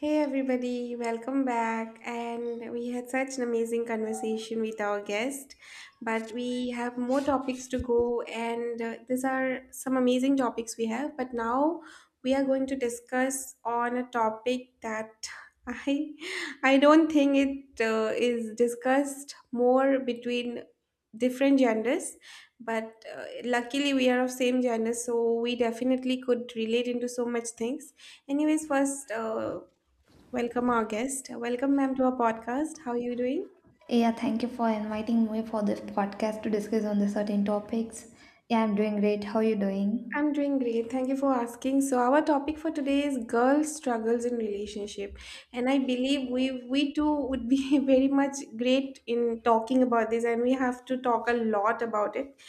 Hey everybody, welcome back. And we had such an amazing conversation with our guest, but we have more topics to go. And these are some amazing topics we have. But now we are going to discuss on a topic that I I don't think it is discussed more between different genders. But luckily we are of same gender, so we definitely could relate into so much things. Anyways, first. Welcome, our guest. Welcome, ma'am, to our podcast. How are you doing? Yeah, thank you for inviting me for this podcast to discuss on the certain topics. Yeah, I'm doing great. How you doing? I'm doing great. Thank you for asking. So our topic for today is girl struggles in relationship, and I believe we too would be very much great in talking about this, and we have to talk a lot about it.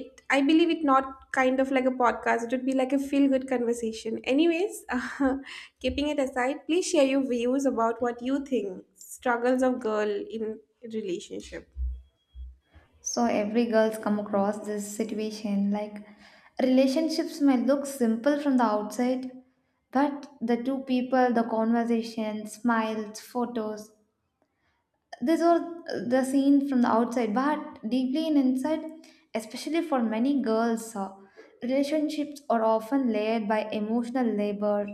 It I believe it not kind of like a podcast. It would be like a feel good conversation. Anyways, keeping it aside, please share your views about what you think struggles of girl in relationship. So every girl's come across this situation like relationships might look simple from the outside, but the two people, the conversation, smiles, photos, these are the seen from the outside, but deeply in inside, especially for many girls, relationships are often layered by emotional labor,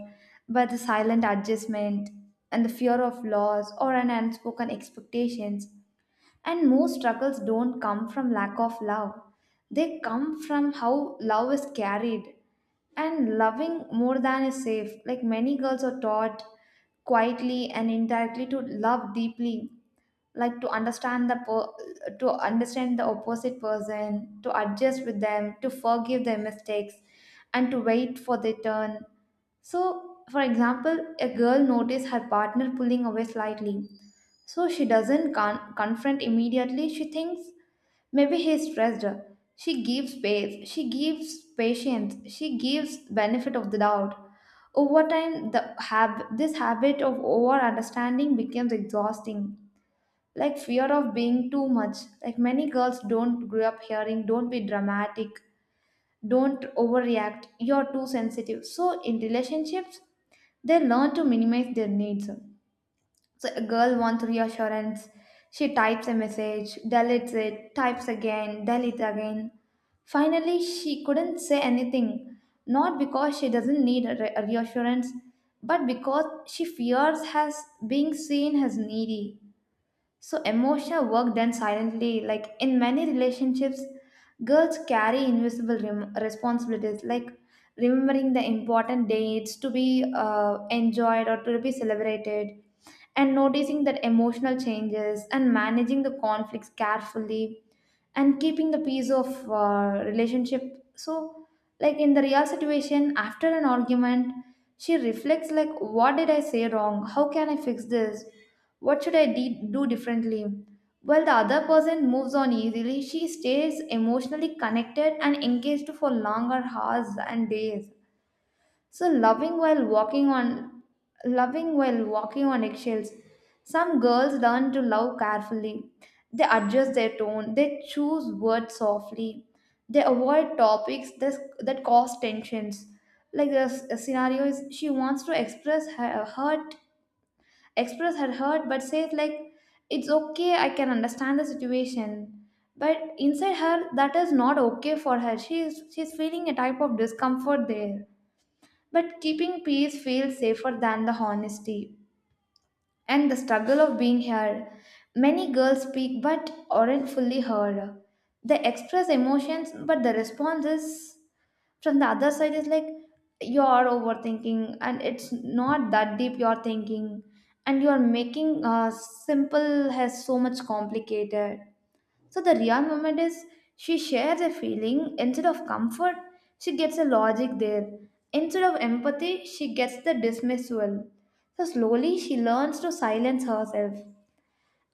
by the silent adjustment, and the fear of loss or an unspoken expectations. And most struggles don't come from lack of love; they come from how love is carried. And loving more than is safe. Like many girls are taught quietly and indirectly to love deeply like to understand the to understand the opposite person, to adjust with them, to forgive their mistakes and to wait for their turn. So for example, a girl notices her partner pulling away slightly, so she doesn't confront immediately. She thinks maybe he's stressed, she gives space, she gives patience, she gives benefit of the doubt. Over time, the this habit of over understanding becomes exhausting. Like fear of being too much. Like many girls don't grow up hearing, don't be dramatic, don't overreact, you're too sensitive. So in relationships they learn to minimize their needs. So a girl wants reassurance, she types a message, deletes it, types again, deletes again, finally she couldn't say anything. Not because she doesn't need a reassurance, but because she fears has being seen as needy. So emotional work then silently, like in many relationships, girls carry invisible responsibilities, like remembering the important dates to be enjoyed or to be celebrated, and noticing their emotional changes and managing the conflicts carefully and keeping the peace of relationship. So like in the real situation after an argument, she reflects like, what did I say wrong, how can I fix this, what should I do differently. While the other person moves on easily, she stays emotionally connected and engaged for longer hours and days. So loving while walking on eggshells. Some girls learn to love carefully. They adjust their tone, they choose words softly. They avoid topics that, that cause tensions. Like the scenario is she wants to express her hurt, but says like, it's okay, I can understand the situation. But inside her, that is not okay for her. She's feeling a type of discomfort there, but keeping peace feels safer than the honesty. And the struggle of being heard. Many girls speak but aren't fully heard. They express emotions, but the response is from the other side is like, you're overthinking and it's not that deep you're thinking, and you're making simple has so much complicated. So the real moment is she shares a feeling. Instead of comfort, she gets a logic there. Instead of empathy, she gets the dismissal. So slowly she learns to silence herself.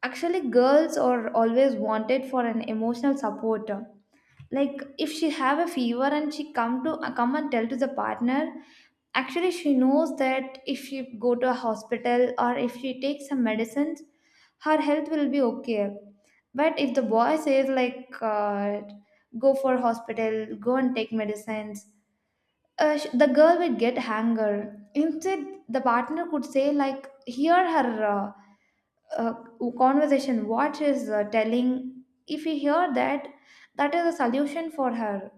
Actually, girls are always wanted for an emotional support. Like if she have a fever and she come to come and tell to the partner, actually she knows that if she go to a hospital or if she takes some medicines, her health will be okay. But if the boy says like go for hospital, go and take medicines, the girl will get anger. Instead the partner could say like, hear her uh, conversation, what she's telling. If he hear that, that is a solution for her.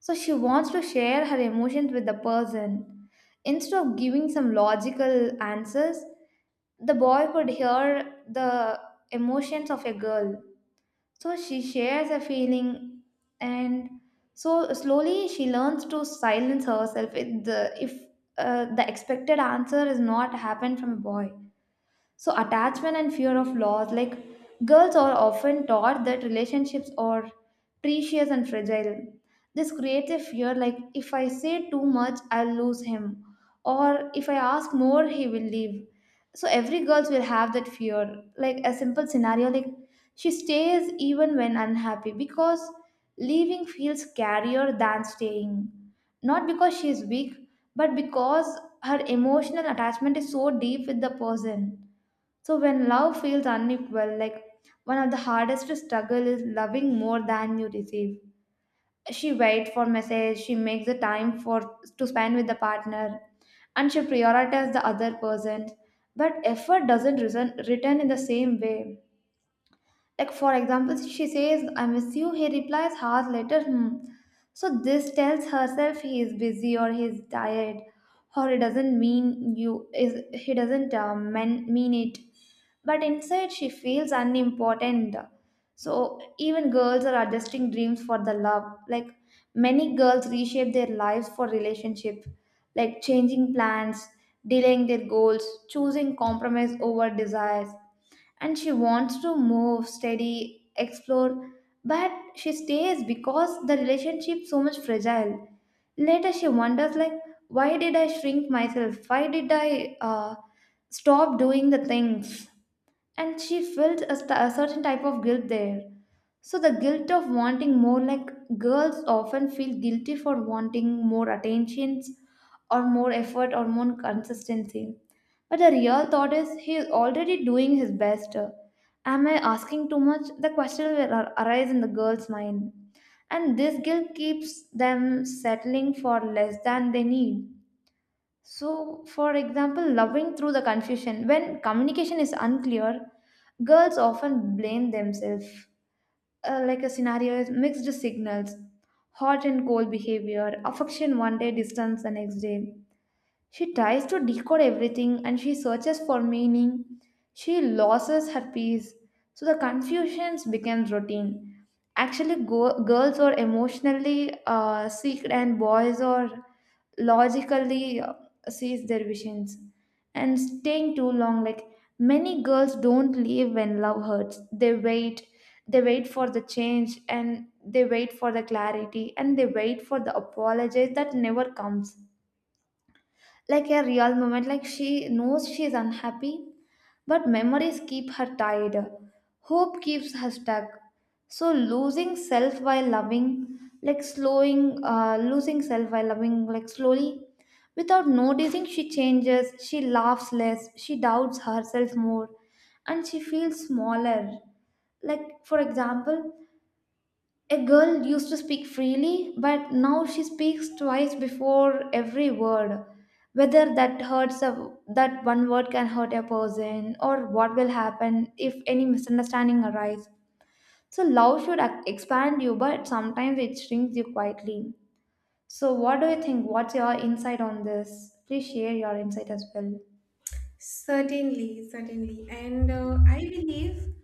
So she wants to share her emotions with the person. Instead of giving some logical answers, the boy could hear the emotions of a girl. So she shares a feeling, and so slowly she learns to silence herself if the expected answer is not happened from a boy. So, attachment and fear of loss, like girls are often taught that relationships are precious and fragile. This creates a fear, like if I say too much, I'll lose him, or if I ask more, he will leave. So every girls will have that fear. Like a simple scenario, like she stays even when unhappy because leaving feels scarier than staying. Not because she is weak, but because her emotional attachment is so deep with the person. So when love feels unequal, like one of the hardest struggle is loving more than you receive. She waits for message, she makes the time for to spend with the partner, and she prioritizes the other person. But effort doesn't return in the same way. Like for example, she says, "I miss you." He replies hours later, "Hmm." So this tells herself he is busy or he is tired, or it doesn't mean you is he doesn't mean it, but inside she feels unimportant. So even girls are adjusting dreams for the love. Like many girls reshape their lives for relationship, like changing plans, delaying their goals, choosing compromise over desires. And she wants to move, study, explore, but she stays because the relationship so much fragile. Later she wonders like, why did I shrink myself? Why did I stop doing the things? And she felt a certain type of guilt there. So the guilt of wanting more, like girls often feel guilty for wanting more attentions or more effort or more consistency. But the real thought is, he is already doing his best, am I asking too much, the question will arise in the girl's mind. And this guilt keeps them settling for less than they need. So, for example, loving through the confusion. When communication is unclear, girls often blame themselves. Like a scenario is mixed signals, hot and cold behavior, affection one day, distance the next day. She tries to decode everything and she searches for meaning. She loses her peace. So the confusions become routine. Actually, girls are emotionally sick and boys are logically sees their visions. And staying too long, like many girls don't leave when love hurts. They wait. They wait for the change, and they wait for the clarity, and they wait for the apologies that never comes. Like a real moment, like she knows she is unhappy, but memories keep her tied, hope keeps her stuck. So losing self while loving, like slowing losing self while loving, like slowly, without noticing, she changes, she laughs less, she doubts herself more, and she feels smaller. Like for example, a girl used to speak freely, but now she speaks twice before every word. Whether that hurts that one word can hurt a person, or what will happen if any misunderstanding arise. So love should expand you, but sometimes it shrinks you quietly. So what do you think? What's your insight on this? Please share your insight as well. Certainly, certainly. And I believe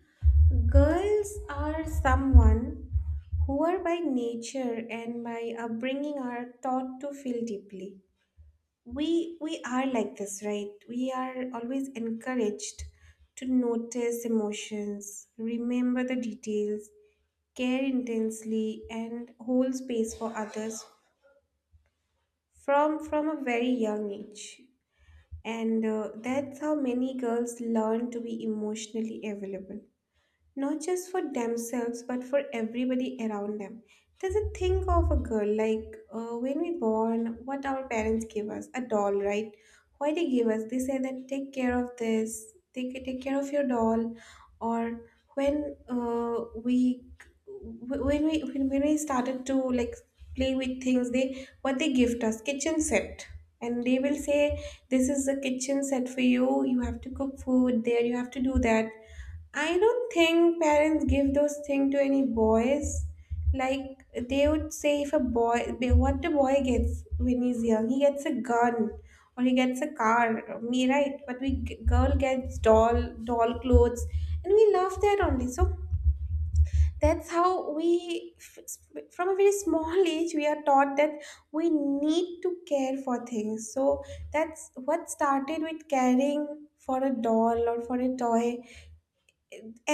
girls are someone who are by nature and by upbringing are taught to feel deeply. We are like this, right? We are always encouraged to notice emotions, remember the details, care intensely and hold space for others from a very young age and that's how many girls learn to be emotionally available not just for themselves but for everybody around them. Doesn't think of a girl like when we born, what our parents give us a doll, right? Why they give us? They say that take care of this, take care of your doll, or when we started to like play with things, they what they gift us kitchen set, and they will say this is a kitchen set for you. You have to cook food there. You have to do that I don't think parents give those things to any boys. Like they would say, if a boy, what the boy gets when he's young, he gets a gun or he gets a car. Me, right? But we girl gets doll, doll clothes, and we love that only. So that's how we, from a very small age, we are taught that we need to care for things. So that's what started with caring for a doll or for a toy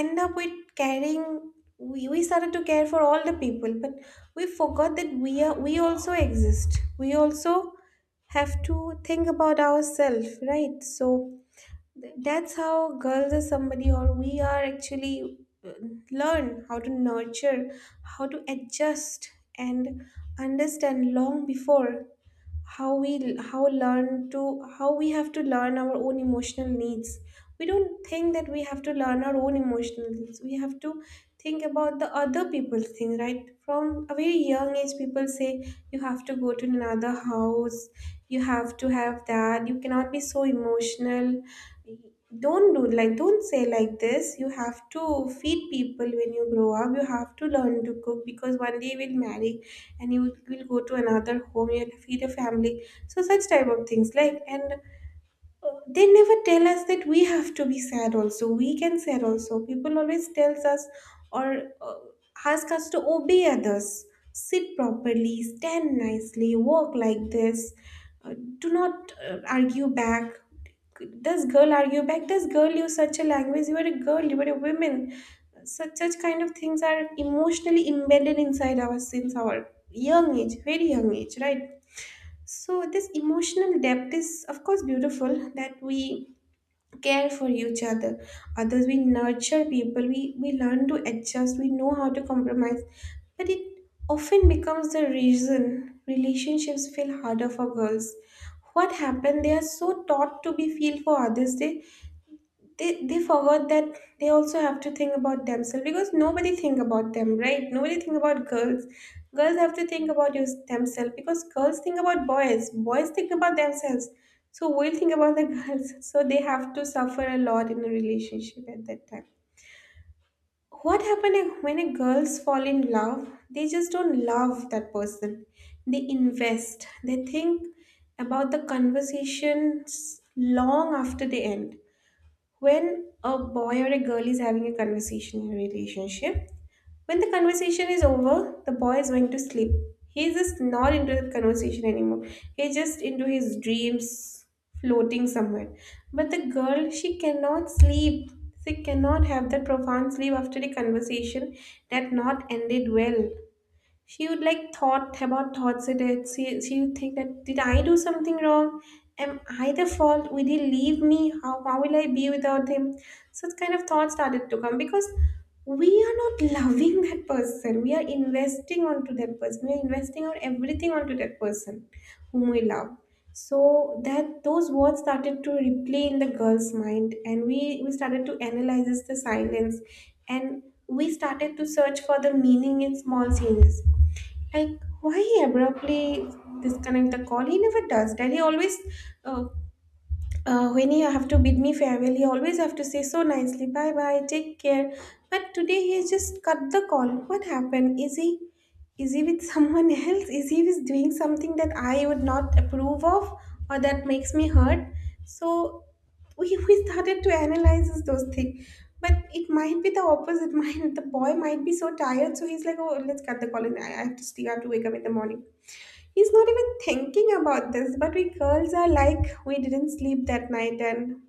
end up with caring we started to care for all the people but we forgot that we are we also exist we also have to think about ourselves, right? So that's how girls are somebody or we are actually uh, learn how to nurture, how to adjust and understand long before how we how learn to how we have to learn our own emotional needs. We don't think that we have to learn our own emotional needs. We have to think about the other people's thing, right? From a very young age people say you have to go to another house, you have to have that, you cannot be so emotional, don't do like don't say like this, you have to feed people when you grow up, you have to learn to cook because one day you will marry and you will go to another home, you'll feed a family. So such type of things like, and they never tell us that we have to be sad also, we can sad also. People always tells us or ask us to obey others, sit properly, stand nicely, walk like this, uh, do not argue back. Does girl argue back? Does girl use such a language? You are a girl, you are a woman. Such kind of things are emotionally embedded inside our since our young age, very young age, right? So this emotional depth is of course beautiful that we care for each other. Others we nurture people, we learn to adjust, we know how to compromise. But it often becomes the reason relationships feel harder for girls. What happened? They are so taught to be feel for others. They forgot that they also have to think about themselves because nobody think about them, right? Nobody think about girls. Girls have to think about your, themselves because girls think about boys, boys think about themselves, so we'll think about the girls. So they have to suffer a lot in a relationship. At that time what happens when a girls fall in love, they just don't love that person, they invest, they think about the conversations long after they end. When a boy or a girl is having a conversation in a relationship, when the conversation is over, the boy is going to sleep. He's just not into the conversation anymore. He's just into his dreams, floating somewhere. But the girl, she cannot sleep. She cannot have that profound sleep after the conversation that not ended well. She would like thought about thoughts it is. She would think that did I do something wrong? Am I the fault? Will he leave me? How will I be without him? Such kind of thoughts started to come because we are not loving that person. We are investing onto that person. We are investing our everything onto that person whom we love. So that those words started to replay in the girl's mind and we started to analyze the silence and we started to search for the meaning in small changes like, why he abruptly disconnect the call? He never does that. He always uh, when he have to bid me farewell, he always have to say so nicely, bye bye, take care. But today he just cut the call. What happened? Is he with someone else? Is he with doing something that I would not approve of or that makes me hurt? So we started to analyze those things. But it might be the opposite. Might the boy might be so tired, so he's like, oh, let's cut the call and I have to sleep. I have to wake up in the morning. He's not even thinking about this, but we girls are like, we didn't sleep that night. And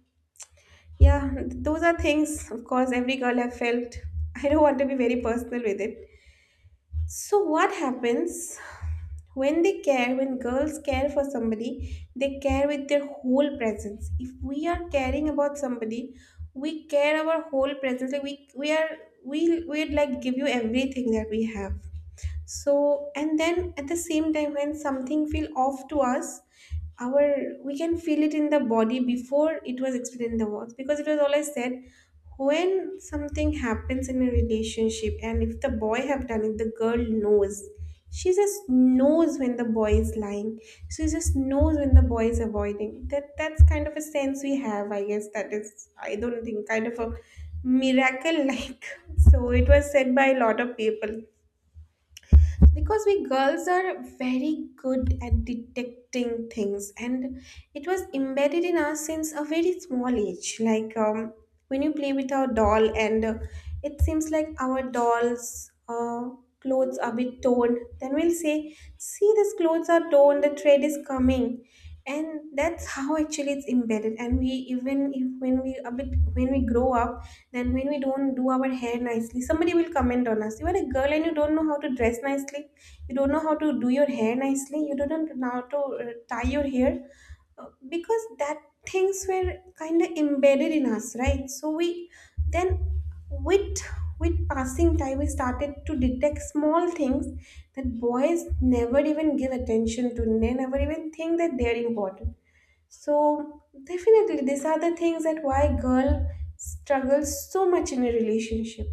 yeah, those are things, of course, every girl have felt. I don't want to be very personal with it. So, what happens when they care, when girls care for somebody, they care with their whole presence. If we are caring about somebody, we care our whole presence. Like we'd like give you everything that we have. So and then at the same time when something feel off to us our we can feel it in the body before it was explained in the words because it was always said when something happens in a relationship and if the boy have done it, the girl knows. She just knows when the boy is lying. She just knows when the boy is avoiding that. That's kind of a sense we have, I guess. That is I don't think kind of a miracle like so it was said by a lot of people because we girls are very good at detecting things, and it was embedded in us since a very small age like when you play with our doll and it seems like our dolls clothes are a bit torn, then we'll say see these clothes are torn, the thread is coming. And that's how actually it's embedded, and we even if when we a bit when we grow up, then when we don't do our hair nicely, somebody will comment on us. You are a girl and you don't know how to dress nicely. You don't know how to do your hair nicely. You don't know how to tie your hair. Uh, because that things were kind of embedded in us, right? So we then with with passing time we started to detect small things that boys never even give attention to. They never even think that they're important. So definitely these are the things that why girl struggles so much in a relationship.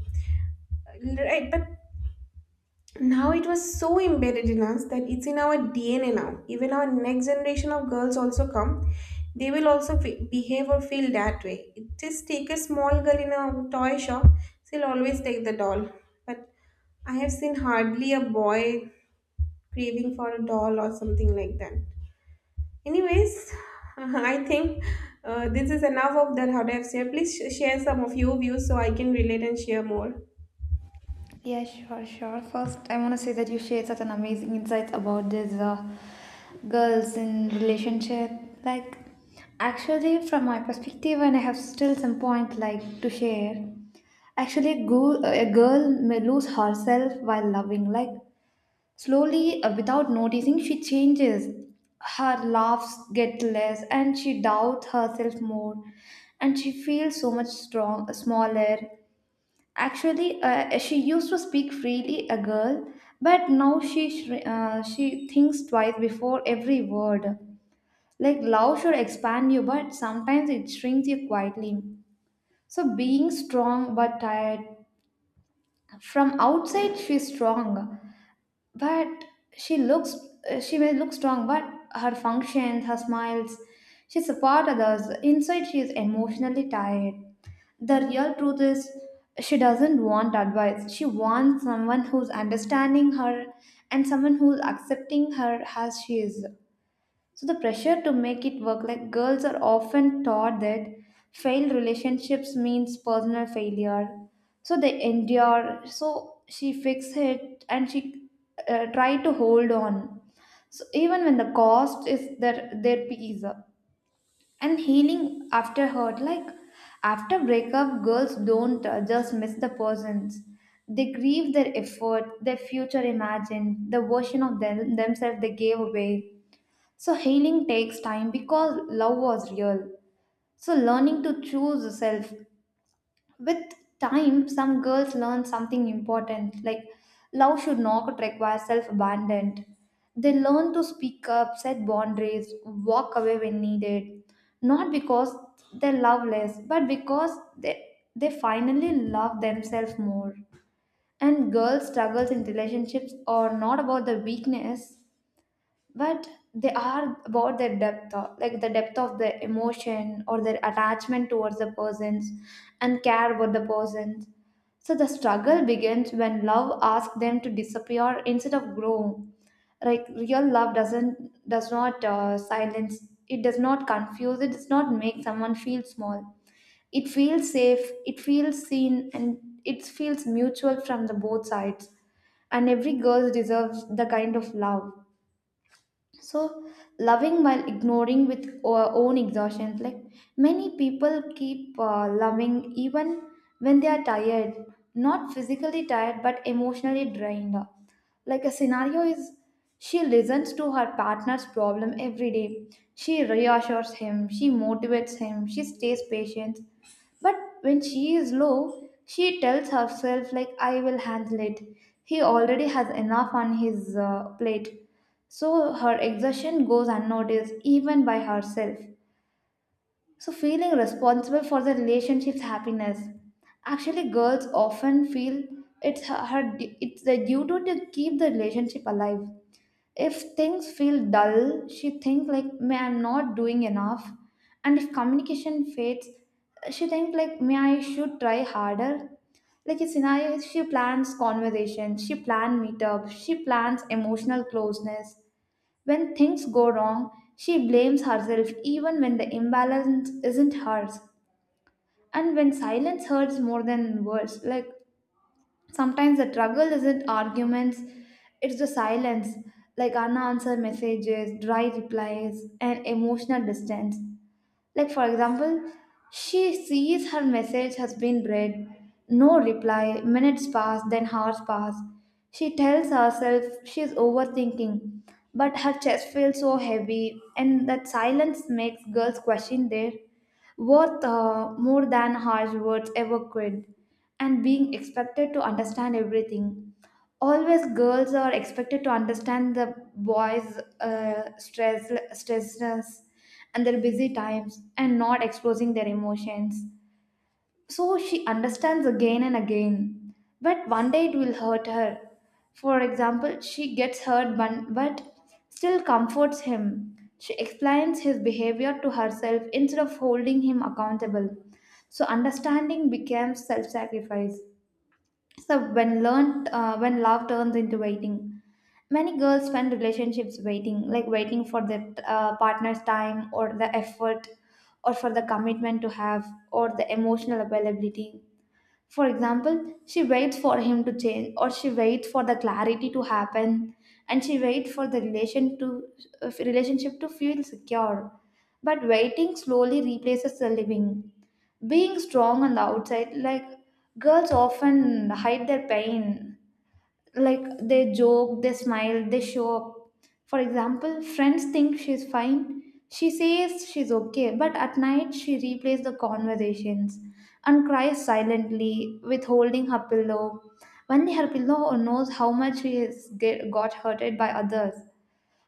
Right, but now it was so embedded in us that it's in our DNA now. Even our next generation of girls also come. They will also behave or feel that way. It just take a small girl in a toy shop, she'll always take the doll. But I have seen hardly a boy craving for a doll or something like that. Anyways, I think this is enough of the how to have share. Please share some of your views so I can relate and share more. Yeah, sure, sure. First, I want to say that you shared such an amazing insights about these girls in relationship. Like, actually, from my perspective, and I have still some point like to share. Actually, a girl may lose herself while loving. Like, slowly, without noticing, she changes. Her laughs get less, and she doubts herself more, and she feels so much strong, smaller. Actually, she used to speak freely, a girl, but now she she thinks twice before every word. Like love should expand you, but sometimes it shrinks you quietly. So being strong but tired. From outside, she's strong, but she looks she may look strong, but her functions, her smiles, she support others. Inside she is emotionally tired. The real truth is she doesn't want advice, she wants someone who's understanding her and someone who's accepting her as she is. So the pressure to make it work, like girls are often taught that failed relationships means personal failure. So they endure. So she fixed it and she tried to hold on. So even when the cost is their peace. And healing after hurt, like after breakup, girls don't just miss the persons. They grieve their effort, their future imagined, the version of themselves they gave away. So healing takes time because love was real. So learning to choose self. With time, some girls learn something important, like love should not require self abandonment. They learn to speak up, set boundaries, walk away when needed. Not because they're loveless, but because they finally love themselves more. And girls' struggles in relationships are not about the weakness, but they are about like the depth of the emotion or their attachment towards the persons and care about the persons. So the struggle begins when love asks them to disappear instead of grow. Like real love does not silence, it does not confuse, it does not make someone feel small. It feels safe, it feels seen, and it feels mutual from the both sides. And every girl deserves the kind of love. So loving while ignoring with our own exhaustions. Like many people keep loving even when they are tired, not physically tired but emotionally drained. Like a scenario is, she listens to her partner's problem every day, she reassures him, she motivates him, she stays patient. But when she is low, she tells herself, like, I will handle it. He already has enough on his plate. So her exertion goes unnoticed, even by herself. So feeling responsible for the relationship's happiness. Actually, girls often feel it's it's their duty to keep the relationship alive. If things feel dull, she thinks like, may I'm not doing enough. And if communication fades, she thinks like, may I should try harder. Like a scenario, is she plans conversation, she plans meetup, she plans emotional closeness. When things go wrong, she blames herself even when the imbalance isn't hers. And when silence hurts more than words, like sometimes the struggle isn't arguments, it's the silence, like unanswered messages, dry replies, and emotional distance. Like, for example, she sees her message has been read, no reply, minutes pass, then hours pass. She tells herself she's overthinking, but her chest feels so heavy, and that silence makes girls question their worth more than harsh words ever could. And being expected to understand everything, always girls are expected to understand the boys stressness and their busy times and not exposing their emotions. So she understands again and again, but one day it will hurt her. For example, she gets hurt but, still comforts him. She explains his behavior to herself instead of holding him accountable. So understanding becomes self-sacrifice. So when love turns into waiting, many girls spend relationships waiting, like waiting for their partner's time or the effort, or for the commitment to have, or the emotional availability. For example, she waits for him to change, or she waits for the clarity to happen, and she waits for the relationship to feel secure. But waiting slowly replaces the living. Being strong on the outside, like girls often hide their pain, like they joke, they smile, they show up. For example, friends think she's fine, she says she's okay, but at night she replays the conversations and cries silently withholding her pillow. Only her pillow knows how much she has got hurted by others.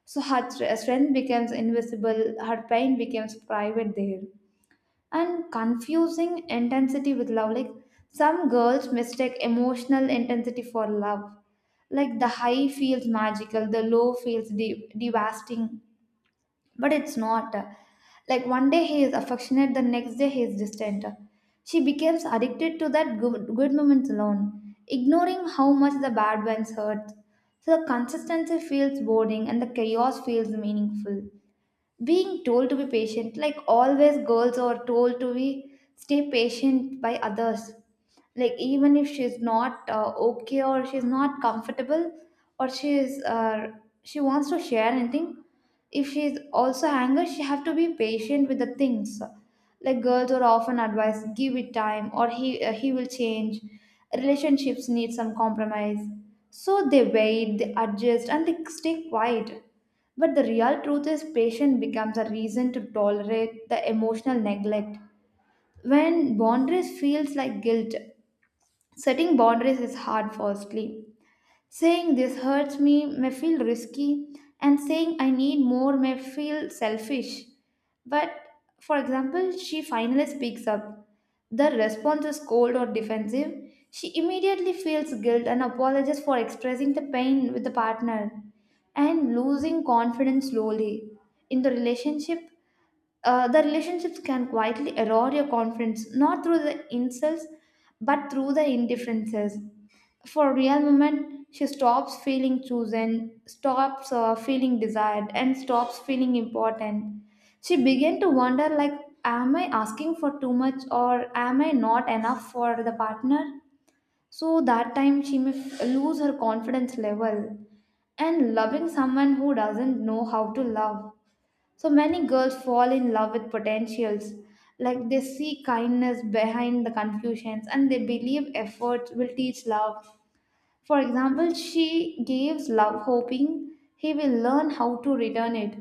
So strength becomes invisible, her pain becomes private there. And confusing intensity with love. Like some girls mistake emotional intensity for love. Like the high feels magical, the low feels devastating, but it's not. Like one day he is affectionate, the next day he is distant. She becomes addicted to that good moments alone, ignoring how much the bad ones hurt. So the consistency feels boring and the chaos feels meaningful. Being told to be patient, like always girls are told to be stay patient by others. Like even if she's not okay, or she's not comfortable, or she wants to share anything, if she's also angry she have to be patient with the things. Like girls are often advised, give it time, or he will change. Relationships need some compromise. So they wait, they adjust, and they stay quiet. But the real truth is patience becomes a reason to tolerate the emotional neglect. When boundaries feels like guilt, setting boundaries is hard firstly. Saying this hurts me may feel risky, and saying I need more may feel selfish. But for example, she finally speaks up. The response is cold or defensive. She immediately feels guilt and apologizes for expressing the pain with the partner, and losing confidence slowly. In the relationship, the relationships can quietly erode your confidence, not through the insults, but through the indifferences. For a real woman, she stops feeling chosen, stops feeling desired, and stops feeling important. She began to wonder, like, am I asking for too much, or am I not enough for the partner? So that time she may lose her confidence level. And loving someone who doesn't know how to love, so many girls fall in love with potentials. Like they see kindness behind the confusions, and they believe effort will teach love. For example, she gives love hoping he will learn how to return it.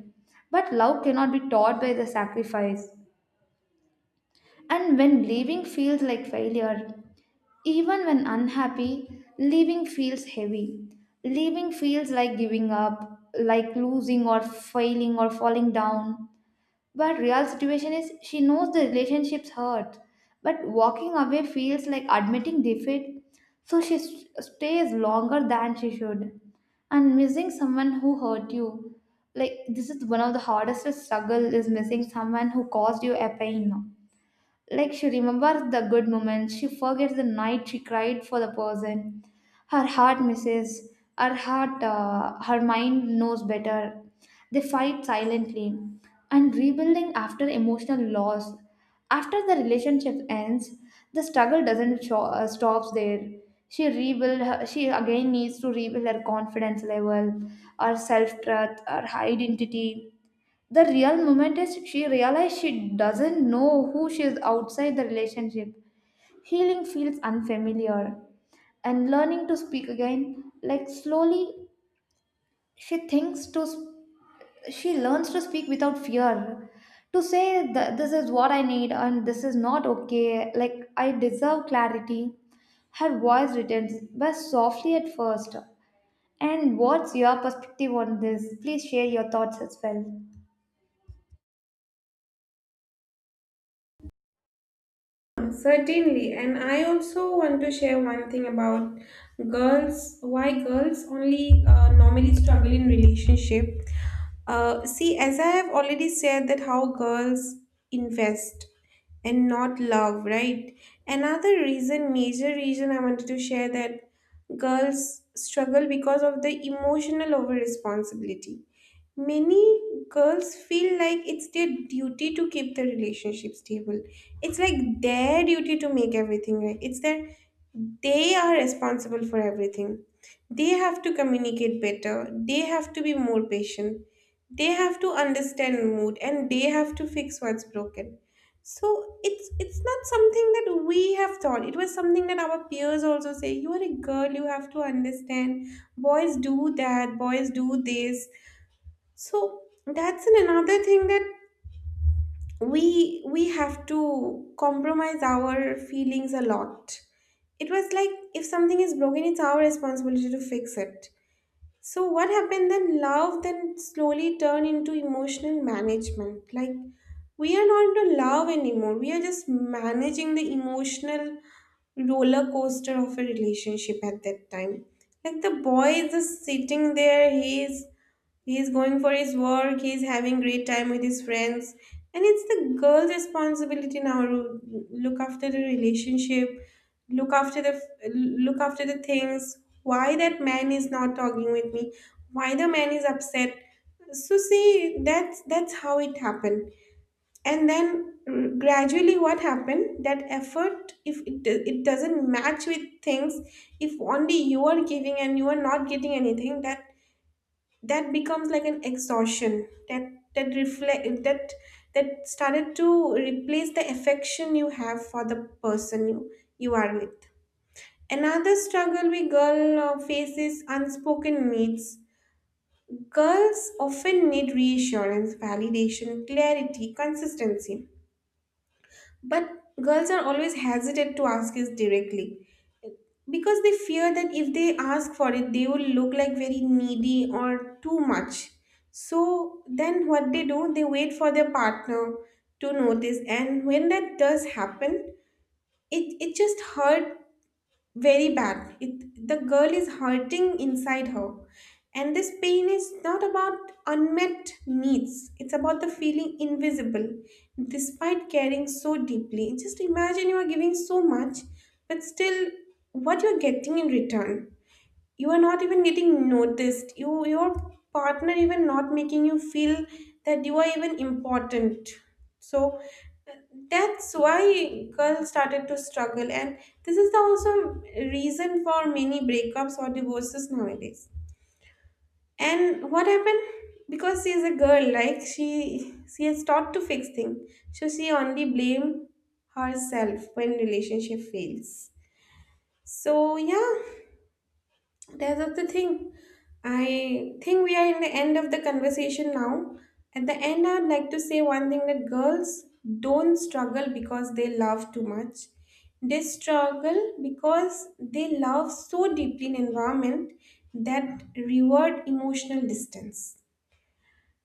But love cannot be taught by the sacrifice. And when leaving feels like failure, even when unhappy, leaving feels heavy. Leaving feels like giving up, like losing or failing or falling down. But real situation is she knows the relationship's hurt, but walking away feels like admitting defeat, so stays longer than she should. And missing someone who hurt you, like this is one of the hardest struggle is missing someone who caused you a pain. Like she remembers the good moments, she forgets the night she cried for the person. Her heart misses, her mind knows better. They fight silently. And rebuilding after emotional loss. After the relationship ends, the struggle doesn't sho- stops there. She again needs to rebuild her confidence level, her self-trust, her identity. The real moment is she realizes she doesn't know who she is outside the relationship. Healing feels unfamiliar. And learning to speak again, like slowly, she thinks to sp- she learns to speak without fear, to say that this is what I need and this is not okay. Like I deserve clarity. Her voice returns, but softly at first. And what's your perspective on this? Please share your thoughts as well. Certainly, and I also want to share one thing about girls. Why girls only normally struggle in relationship? See, as I have already said, that how girls invest and not love, right? Another reason, major reason, I wanted to share that girls struggle because of the emotional over responsibility. Many girls feel like it's their duty to keep the relationship stable. It's like their duty to make everything right. It's that they are responsible for everything. They have to communicate better. They have to be more patient. They have to understand mood and they have to fix what's broken. So it's not something that we have thought. It was something that our peers also say. You are a girl. You have to understand. Boys do that. Boys do this, so that's another thing that we have to compromise our feelings a lot. It was like if something is broken, it's our responsibility to fix it. So what happened then? Love then slowly turned into emotional management. Like we are not into love anymore. We are just managing the emotional roller coaster of a relationship at that time. Like the boy is just sitting there, he is going for his work. He is having great time with his friends, and it's the girl's responsibility now to look after the relationship, look after the look after the things. Why that man is not talking with me? Why the man is upset? So see, that's how it happened. And then gradually, what happened? That effort, if it, do- it doesn't match with things, if only you are giving and you are not getting anything, that that becomes like an exhaustion that that reflect that that started to replace the affection you have for the person you are with. Another struggle we girl face is unspoken needs. Girls often need reassurance, validation, clarity, consistency, but girls are always hesitant to ask it directly because they fear that if they ask for it, they will look like very needy or too much. So then what they do, they wait for their partner to notice. And when that does happen, it just hurt very bad. It, the girl is hurting inside her, and this pain is not about unmet needs. It's about the feeling invisible despite caring so deeply. Just imagine you are giving so much, but still, what you're getting in return? You are not even getting noticed. You, your partner even not making you feel that you are even important. So that's why girls started to struggle, and this is the also reason for many breakups or divorces nowadays. And what happened, because she is a girl, like she has taught to fix things, so she only blame herself when relationship fails. So yeah, there's of the thing. I think we are in the end of the conversation now. At the end, I'd like to say one thing, that girls don't struggle because they love too much. They struggle because they love so deeply an environment that reward emotional distance.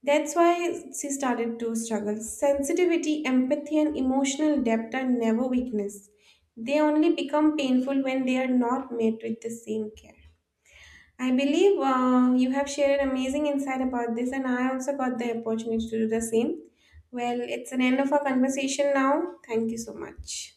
That's why she started to struggle. Sensitivity, empathy, and emotional depth are never weakness. They only become painful when they are not met with the same care. I believe you have shared amazing insight about this, and I also got the opportunity to do the same. Well, it's an end of our conversation now. Thank you so much.